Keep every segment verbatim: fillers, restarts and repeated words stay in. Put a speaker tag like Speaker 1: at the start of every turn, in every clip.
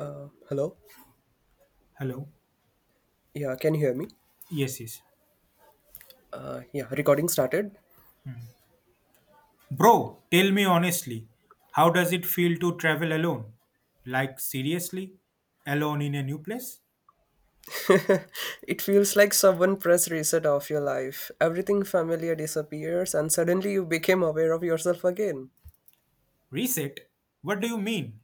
Speaker 1: Hello.
Speaker 2: Hello.
Speaker 1: Yeah, can you hear me?
Speaker 2: Yes, yes.
Speaker 1: Uh, yeah, recording started.
Speaker 2: Bro, tell me honestly, how does it feel to travel alone? Like, seriously? Alone in a new place?
Speaker 1: It feels like someone pressed reset of your life. Everything familiar disappears, and suddenly you became aware of yourself again.
Speaker 2: Reset? What do you mean?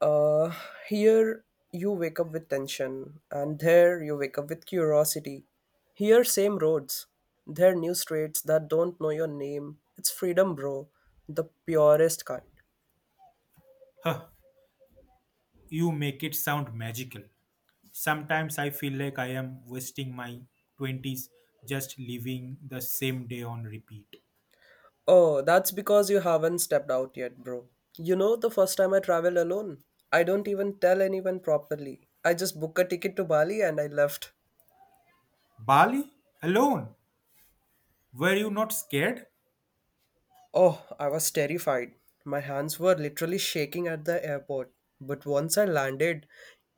Speaker 1: Uh, Here you wake up with tension, and there you wake up with curiosity. Here, same roads. There, new streets that don't know your name. It's freedom, bro. The purest kind.
Speaker 2: Huh, you make it sound magical. Sometimes I feel like I am wasting my twenties just living the same day on repeat.
Speaker 1: Oh, that's because you haven't stepped out yet, bro. You know, the first time I traveled alone, I don't even tell anyone properly. I just booked a ticket to Bali and I left.
Speaker 2: Bali? Alone? Were you not scared?
Speaker 1: Oh, I was terrified. My hands were literally shaking at the airport. But once I landed,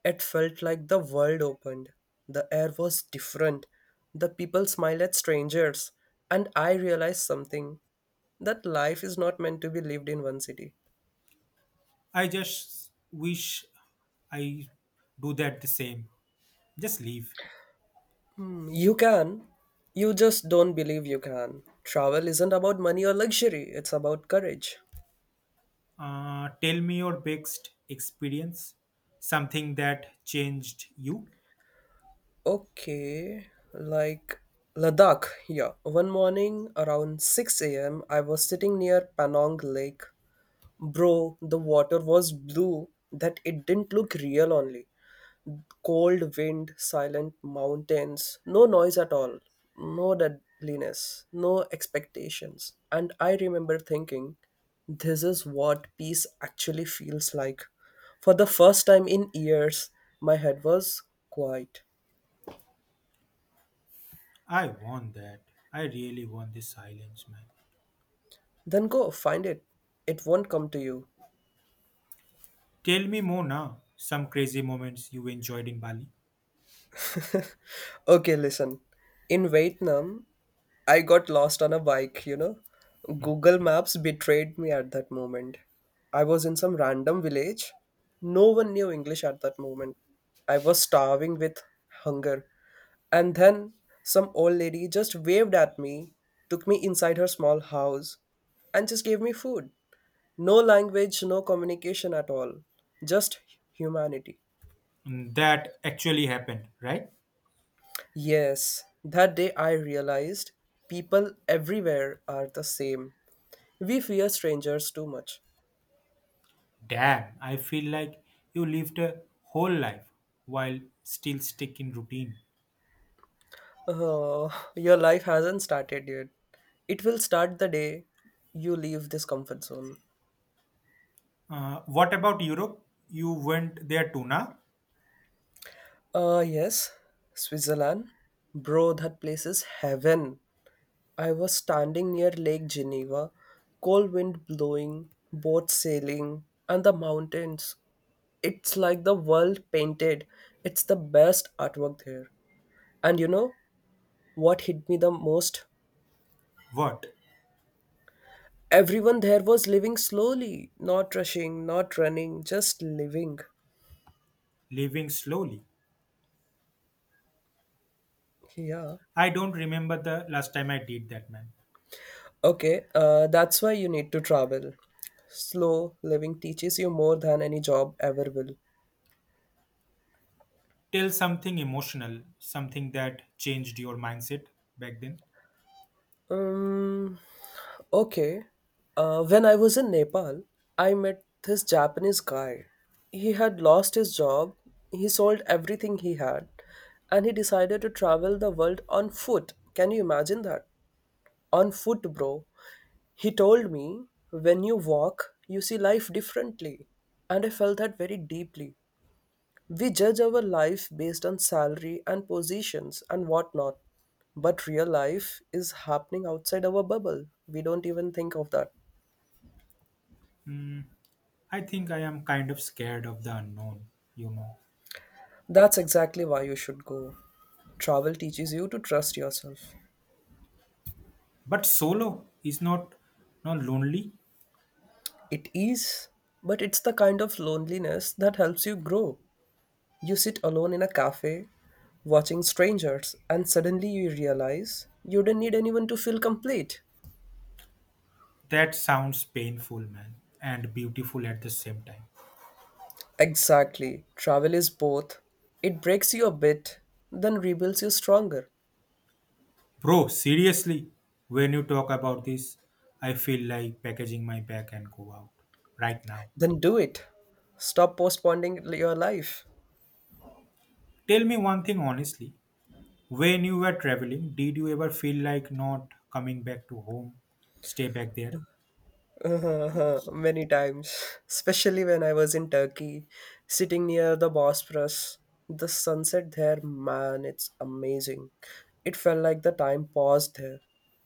Speaker 1: it felt like the world opened. The air was different. The people smiled at strangers. And I realized something that life is not meant to be lived in one city.
Speaker 2: I just wish I do that the same. Just leave.
Speaker 1: Hmm. You can. You just don't believe you can. Travel isn't about money or luxury, it's about courage.
Speaker 2: Uh, tell me your best experience, something that changed you.
Speaker 1: Okay, like Ladakh, yeah. One morning around six a m, I was sitting near Panong Lake. Bro, the water was blue that it didn't look real only. Cold wind, silent mountains, no noise at all, no deadliness, no expectations. And I remember thinking, this is what peace actually feels like. For the first time in years, my head was quiet.
Speaker 2: I want that. I really want this silence, man.
Speaker 1: Then go find it. It won't come to you.
Speaker 2: Tell me more now. Some crazy moments you enjoyed in Bali.
Speaker 1: Okay, listen. In Vietnam, I got lost on a bike, you know. Google Maps betrayed me at that moment. I was in some random village. No one knew English at that moment. I was starving with hunger. And then some old lady just waved at me, took me inside her small house, and just gave me food. No language, no communication at all. Just humanity.
Speaker 2: Mm, that actually happened, right?
Speaker 1: Yes, that day I realized people everywhere are the same. We fear strangers too much.
Speaker 2: Damn, I feel like you lived a whole life while still stuck in routine.
Speaker 1: Uh, your life hasn't started yet. It will start the day you leave this comfort zone.
Speaker 2: Uh, what about Europe? You went there too, now?
Speaker 1: Uh, yes, Switzerland. Bro, that place is heaven. I was standing near Lake Geneva, cold wind blowing, boats sailing, and the mountains. It's like the world painted. It's the best artwork there. And you know what hit me the most?
Speaker 2: What?
Speaker 1: Everyone there was living slowly, not rushing, not running, just living.
Speaker 2: Living slowly.
Speaker 1: Yeah.
Speaker 2: I don't remember the last time I did that, man.
Speaker 1: Okay, uh, that's why you need to travel. Slow living teaches you more than any job ever will.
Speaker 2: Tell something emotional, something that changed your mindset back then.
Speaker 1: Um, okay. Uh, when I was in Nepal, I met this Japanese guy. He had lost his job, he sold everything he had, and he decided to travel the world on foot. Can you imagine that? On foot, bro. He told me, when you walk, you see life differently. And I felt that very deeply. We judge our life based on salary and positions and whatnot. But real life is happening outside our bubble. We don't even think of that.
Speaker 2: Hmm, I think I am kind of scared of the unknown, you know.
Speaker 1: That's exactly why you should go. Travel teaches you to trust yourself.
Speaker 2: But solo is not not lonely.
Speaker 1: It is, but it's the kind of loneliness that helps you grow. You sit alone in a cafe, watching strangers, and suddenly you realize you don't need anyone to feel complete.
Speaker 2: That sounds painful, man, and beautiful at the same time.
Speaker 1: Exactly. Travel is both. It breaks you a bit, then rebuilds you stronger.
Speaker 2: Bro, seriously, when you talk about this, I feel like packaging my bag and go out right now.
Speaker 1: Then do it. Stop postponing your life.
Speaker 2: Tell me one thing honestly. When you were traveling, did you ever feel like not coming back to home? Stay back there?
Speaker 1: Uh huh. Many times, especially when I was in Turkey, sitting near the Bosphorus. The sunset there, man, it's amazing. It felt like the time paused there.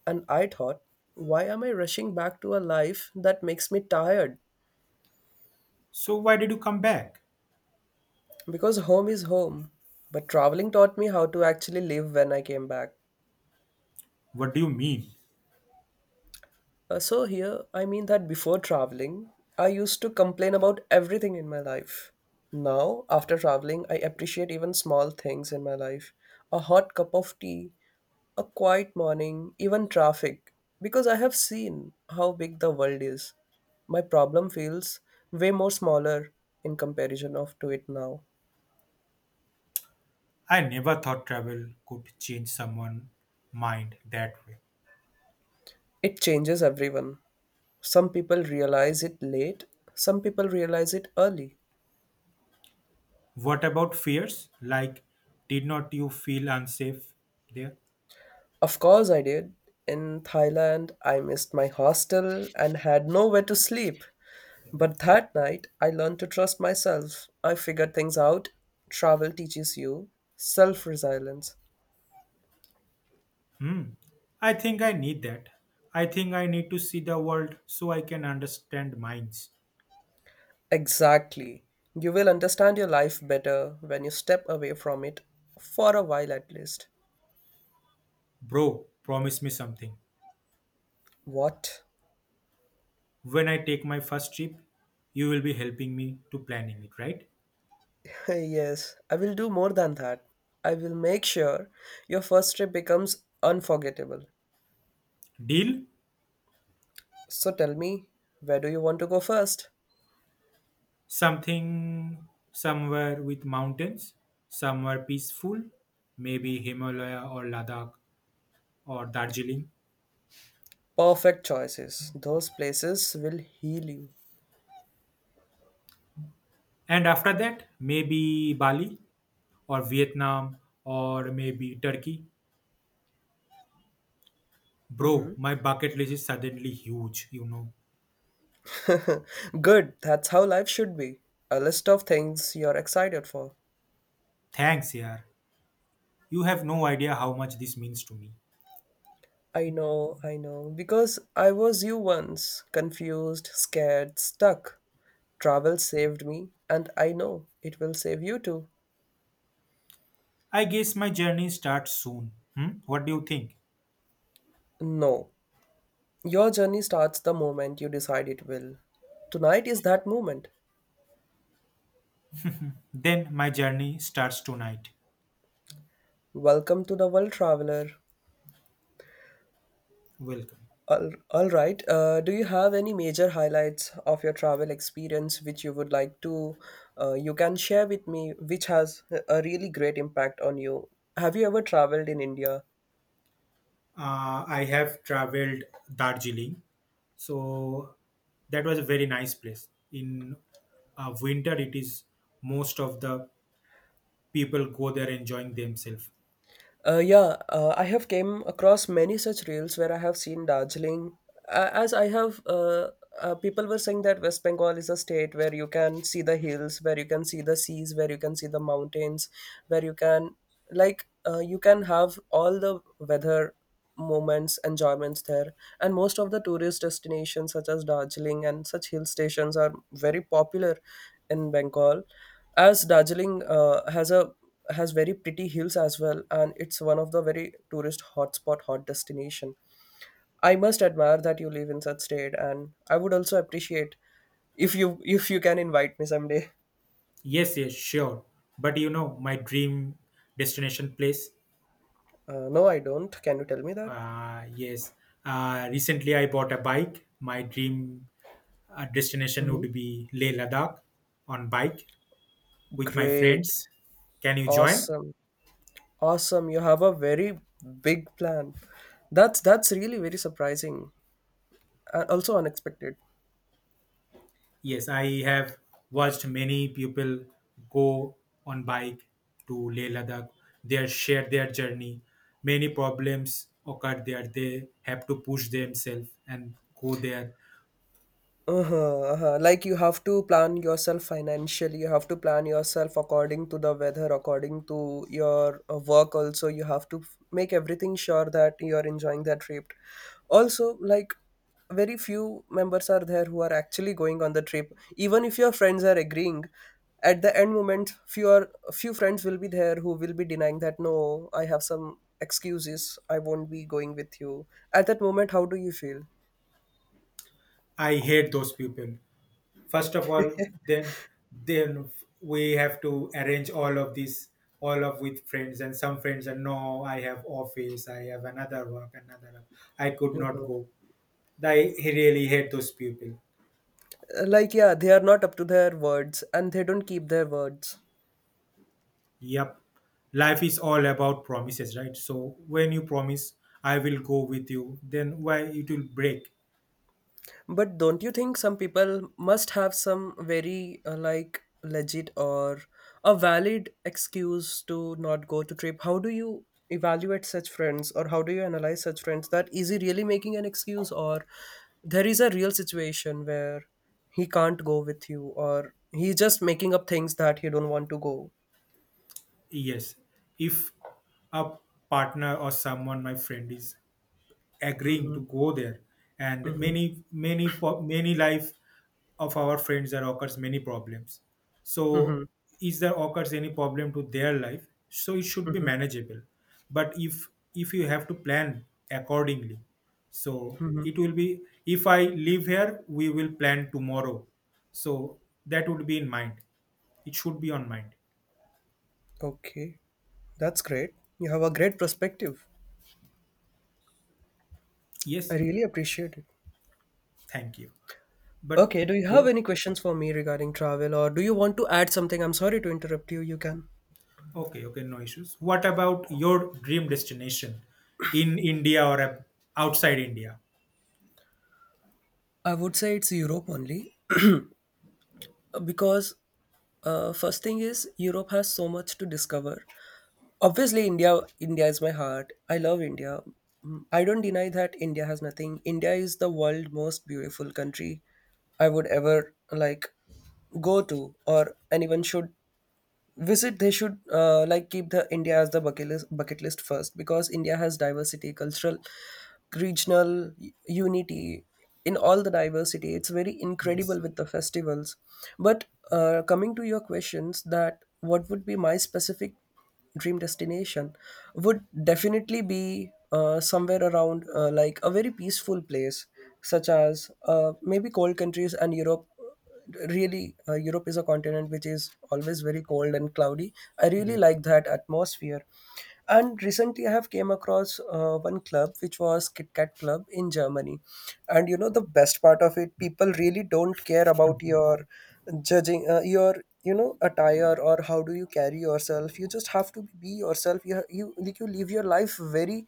Speaker 1: And I thought, why am I rushing back to a life that makes me tired?
Speaker 2: So why did you come back?
Speaker 1: Because home is home. But traveling taught me how to actually live when I came back.
Speaker 2: What do you mean?
Speaker 1: Uh, so, here, I mean that before traveling, I used to complain about everything in my life. Now, after traveling, I appreciate even small things in my life, a hot cup of tea, a quiet morning, even traffic, because I have seen how big the world is. My problem feels way more smaller in comparison of to it now.
Speaker 2: I never thought travel could change someone's mind that way.
Speaker 1: It changes everyone. Some people realize it late, some people realize it early.
Speaker 2: What about fears? Like, did not you feel unsafe there?
Speaker 1: Of course, I did. In Thailand, I missed my hostel and had nowhere to sleep. But that night, I learned to trust myself. I figured things out. Travel teaches you self resilience.
Speaker 2: Hmm. I think I need that. I think I need to see the world so I can understand minds.
Speaker 1: Exactly. You will understand your life better when you step away from it, for a while at least.
Speaker 2: Bro, promise me something.
Speaker 1: What?
Speaker 2: When I take my first trip, you will be helping me to planning it, right?
Speaker 1: Yes, I will do more than that. I will make sure your first trip becomes unforgettable.
Speaker 2: Deal?
Speaker 1: So tell me, where do you want to go first?
Speaker 2: Something somewhere with mountains, somewhere peaceful, maybe Himalaya or Ladakh or Darjeeling.
Speaker 1: Perfect choices. Those places will heal you.
Speaker 2: And after that, maybe Bali or Vietnam or maybe Turkey. Bro,
Speaker 1: Mhm.
Speaker 2: my bucket list is suddenly huge, you know.
Speaker 1: Good. That's how life should be. A list of things you're excited for.
Speaker 2: Thanks, yaar. You have no idea how much this means to me.
Speaker 1: I know, I know. Because I was you once, confused, scared, stuck. Travel saved me, and I know it will save you too.
Speaker 2: I guess my journey starts soon. Hmm? What do you think?
Speaker 1: No. Your journey starts the moment you decide it will. Tonight is that moment.
Speaker 2: Then my journey starts tonight.
Speaker 1: Welcome to the world, traveler.
Speaker 2: Welcome.
Speaker 1: All, all right. Uh, do you have any major highlights of your travel experience which you would like to uh, you can share with me, which has a really great impact on you? Have you ever traveled in India?
Speaker 2: Uh, I have traveled Darjeeling, so that was a very nice place. In uh, winter, it is most of the people go there enjoying themselves.
Speaker 1: Uh, yeah, uh, I have came across many such reels where I have seen Darjeeling. Uh, as I have, uh, uh, people were saying that West Bengal is a state where you can see the hills, where you can see the seas, where you can see the mountains, where you can like uh, you can have all the weather moments, enjoyments there. And most of the tourist destinations, such as Darjeeling and such hill stations, are very popular in Bengal, as Darjeeling uh, has a has very pretty hills as well, and it's one of the very tourist hotspot hot destination. I must admire that you live in such state, and I would also appreciate if you if you can invite me someday.
Speaker 2: Yes, yes, sure. But you know, my dream destination place.
Speaker 1: Uh, no, I don't. Can you tell me that?
Speaker 2: Uh, yes. Uh, recently, I bought a bike. My dream uh, destination would be Leh Ladakh on bike with my
Speaker 1: Great,
Speaker 2: friends. Can you join?
Speaker 1: awesome. Awesome, you have a very big plan. That's that's really very surprising and also unexpected.
Speaker 2: Yes, I have watched many people go on bike to Leh Ladakh. They share their journey. Many problems occur there. They have to push themselves and go there.
Speaker 1: Uh-huh, uh-huh. Like you have to plan yourself financially. You have to plan yourself according to the weather, according to your uh, work. Also, you have to f- make everything sure that you're enjoying that trip. Also, like very few members are there who are actually going on the trip. Even if your friends are agreeing, at the end moment, few are, few friends will be there who will be denying that no, I have some excuses. I won't be going with you. At that moment, how do you feel?
Speaker 2: I hate those people. First of all, then then we have to arrange all of this all of with friends, and some friends are, no, I have office, I have another work another work. I could not go. I really hate those people.
Speaker 1: Uh, Like, yeah, they are not up to their words and they don't keep their words.
Speaker 2: Yep. Life is all about promises, right? So when you promise, I will go with you, then why it will break?
Speaker 1: But don't you think some people must have some very, uh, like, legit or a valid excuse to not go to trip? How do you evaluate such friends or how do you analyze such friends that is he really making an excuse or there is a real situation where he can't go with you or he's just making up things that he don't want to go?
Speaker 2: Yes. If a partner or someone, my friend is agreeing
Speaker 1: Mm-hmm,
Speaker 2: to go there, and
Speaker 1: mm-hmm,
Speaker 2: many many po- many life of our friends there occurs many problems, so
Speaker 1: mm-hmm,
Speaker 2: is there occurs any problem to their life, so it should be
Speaker 1: mm-hmm,
Speaker 2: manageable. But if if you have to plan accordingly, so it
Speaker 1: mm-hmm.
Speaker 2: will be, if I live here, we will plan tomorrow, so that would be in mind, it should be on mind.
Speaker 1: Okay, that's great. You have a great perspective. I
Speaker 2: Yes,
Speaker 1: really appreciate it.
Speaker 2: thank you, but
Speaker 1: Okay, do you have any questions for me regarding travel or do you want to add something? I'm sorry to interrupt you. You can.
Speaker 2: okay, okay, no issues. What about your dream destination in India or ab- outside India?
Speaker 1: I would say it's Europe only, uh, because uh, first thing is Europe has so much to discover. Obviously, India India is my heart. I love India. Mm, I don't deny that India has nothing. India is the world most beautiful country I would ever like go to or anyone should visit. They should uh, like keep the India as the bucket list, bucket list first, because India has diversity, cultural regional u- unity in all the diversity. It's very
Speaker 2: Yes.
Speaker 1: incredible with the festivals. But uh, coming to your questions that what would be my specific dream destination would definitely be uh, somewhere around, uh, like a very peaceful place such as, uh, maybe cold countries, and Europe really. uh, Europe is a continent which is always very cold and cloudy. I really like that atmosphere, and recently I have came across uh, one club which was Kit Kat Club in Germany. And you know the best part of it, people really don't care about your judging, uh, your you know attire or how do you carry yourself. You just have to be yourself. You ha- you like you live your life very,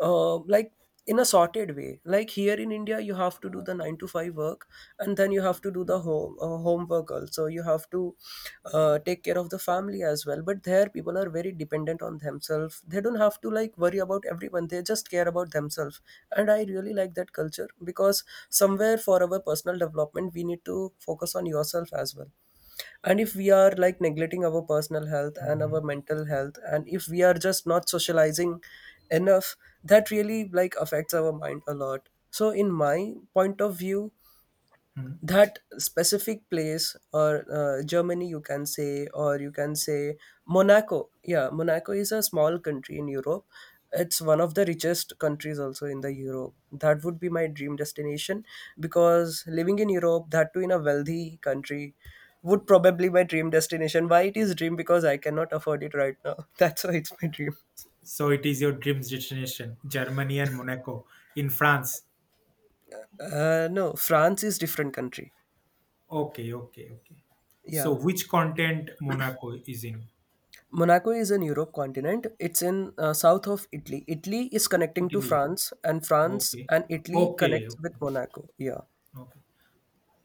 Speaker 1: uh, like in a sorted way. Like here in India you have to do the nine to five work, and then you have to do the home, uh, homework also. You have to uh, take care of the family as well. But there people are very dependent on themselves. They don't have to like worry about everyone. They just care about themselves. And I really like that culture, because somewhere for our personal development we need to focus on yourself as well. And if we are like neglecting our personal health and our
Speaker 2: Mhm.
Speaker 1: mental health, and if we are just not socializing enough, that really like affects our mind a lot. So in my point of view,
Speaker 2: Mhm.
Speaker 1: that specific place, or uh, Germany you can say, or you can say Monaco. Yeah, Monaco is a small country in Europe. It's one of the richest countries also in the Europe. That would be my dream destination, because living in Europe, that too in a wealthy country, would probably my dream destination. Why it is dream? Because I cannot afford it right now. That's why it's my dream.
Speaker 2: So it is your dream destination, Germany and Monaco in France.
Speaker 1: Uh, no, France is different country.
Speaker 2: Okay, okay, okay. So
Speaker 1: Yeah.
Speaker 2: which continent Monaco is in?
Speaker 1: Monaco is in Europe continent. It's in uh, south of Italy. Italy is connecting to
Speaker 2: Italy.
Speaker 1: France, and France
Speaker 2: Okay.
Speaker 1: and Italy
Speaker 2: Okay.
Speaker 1: connects
Speaker 2: Okay.
Speaker 1: with Monaco. Yeah,
Speaker 2: Okay.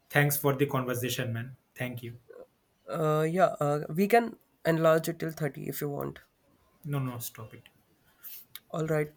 Speaker 2: Thanks for the conversation, man. Thank you.
Speaker 1: uh, yeah. Uh, we can enlarge it till thirty if you want.
Speaker 2: No, no, stop it.
Speaker 1: All right.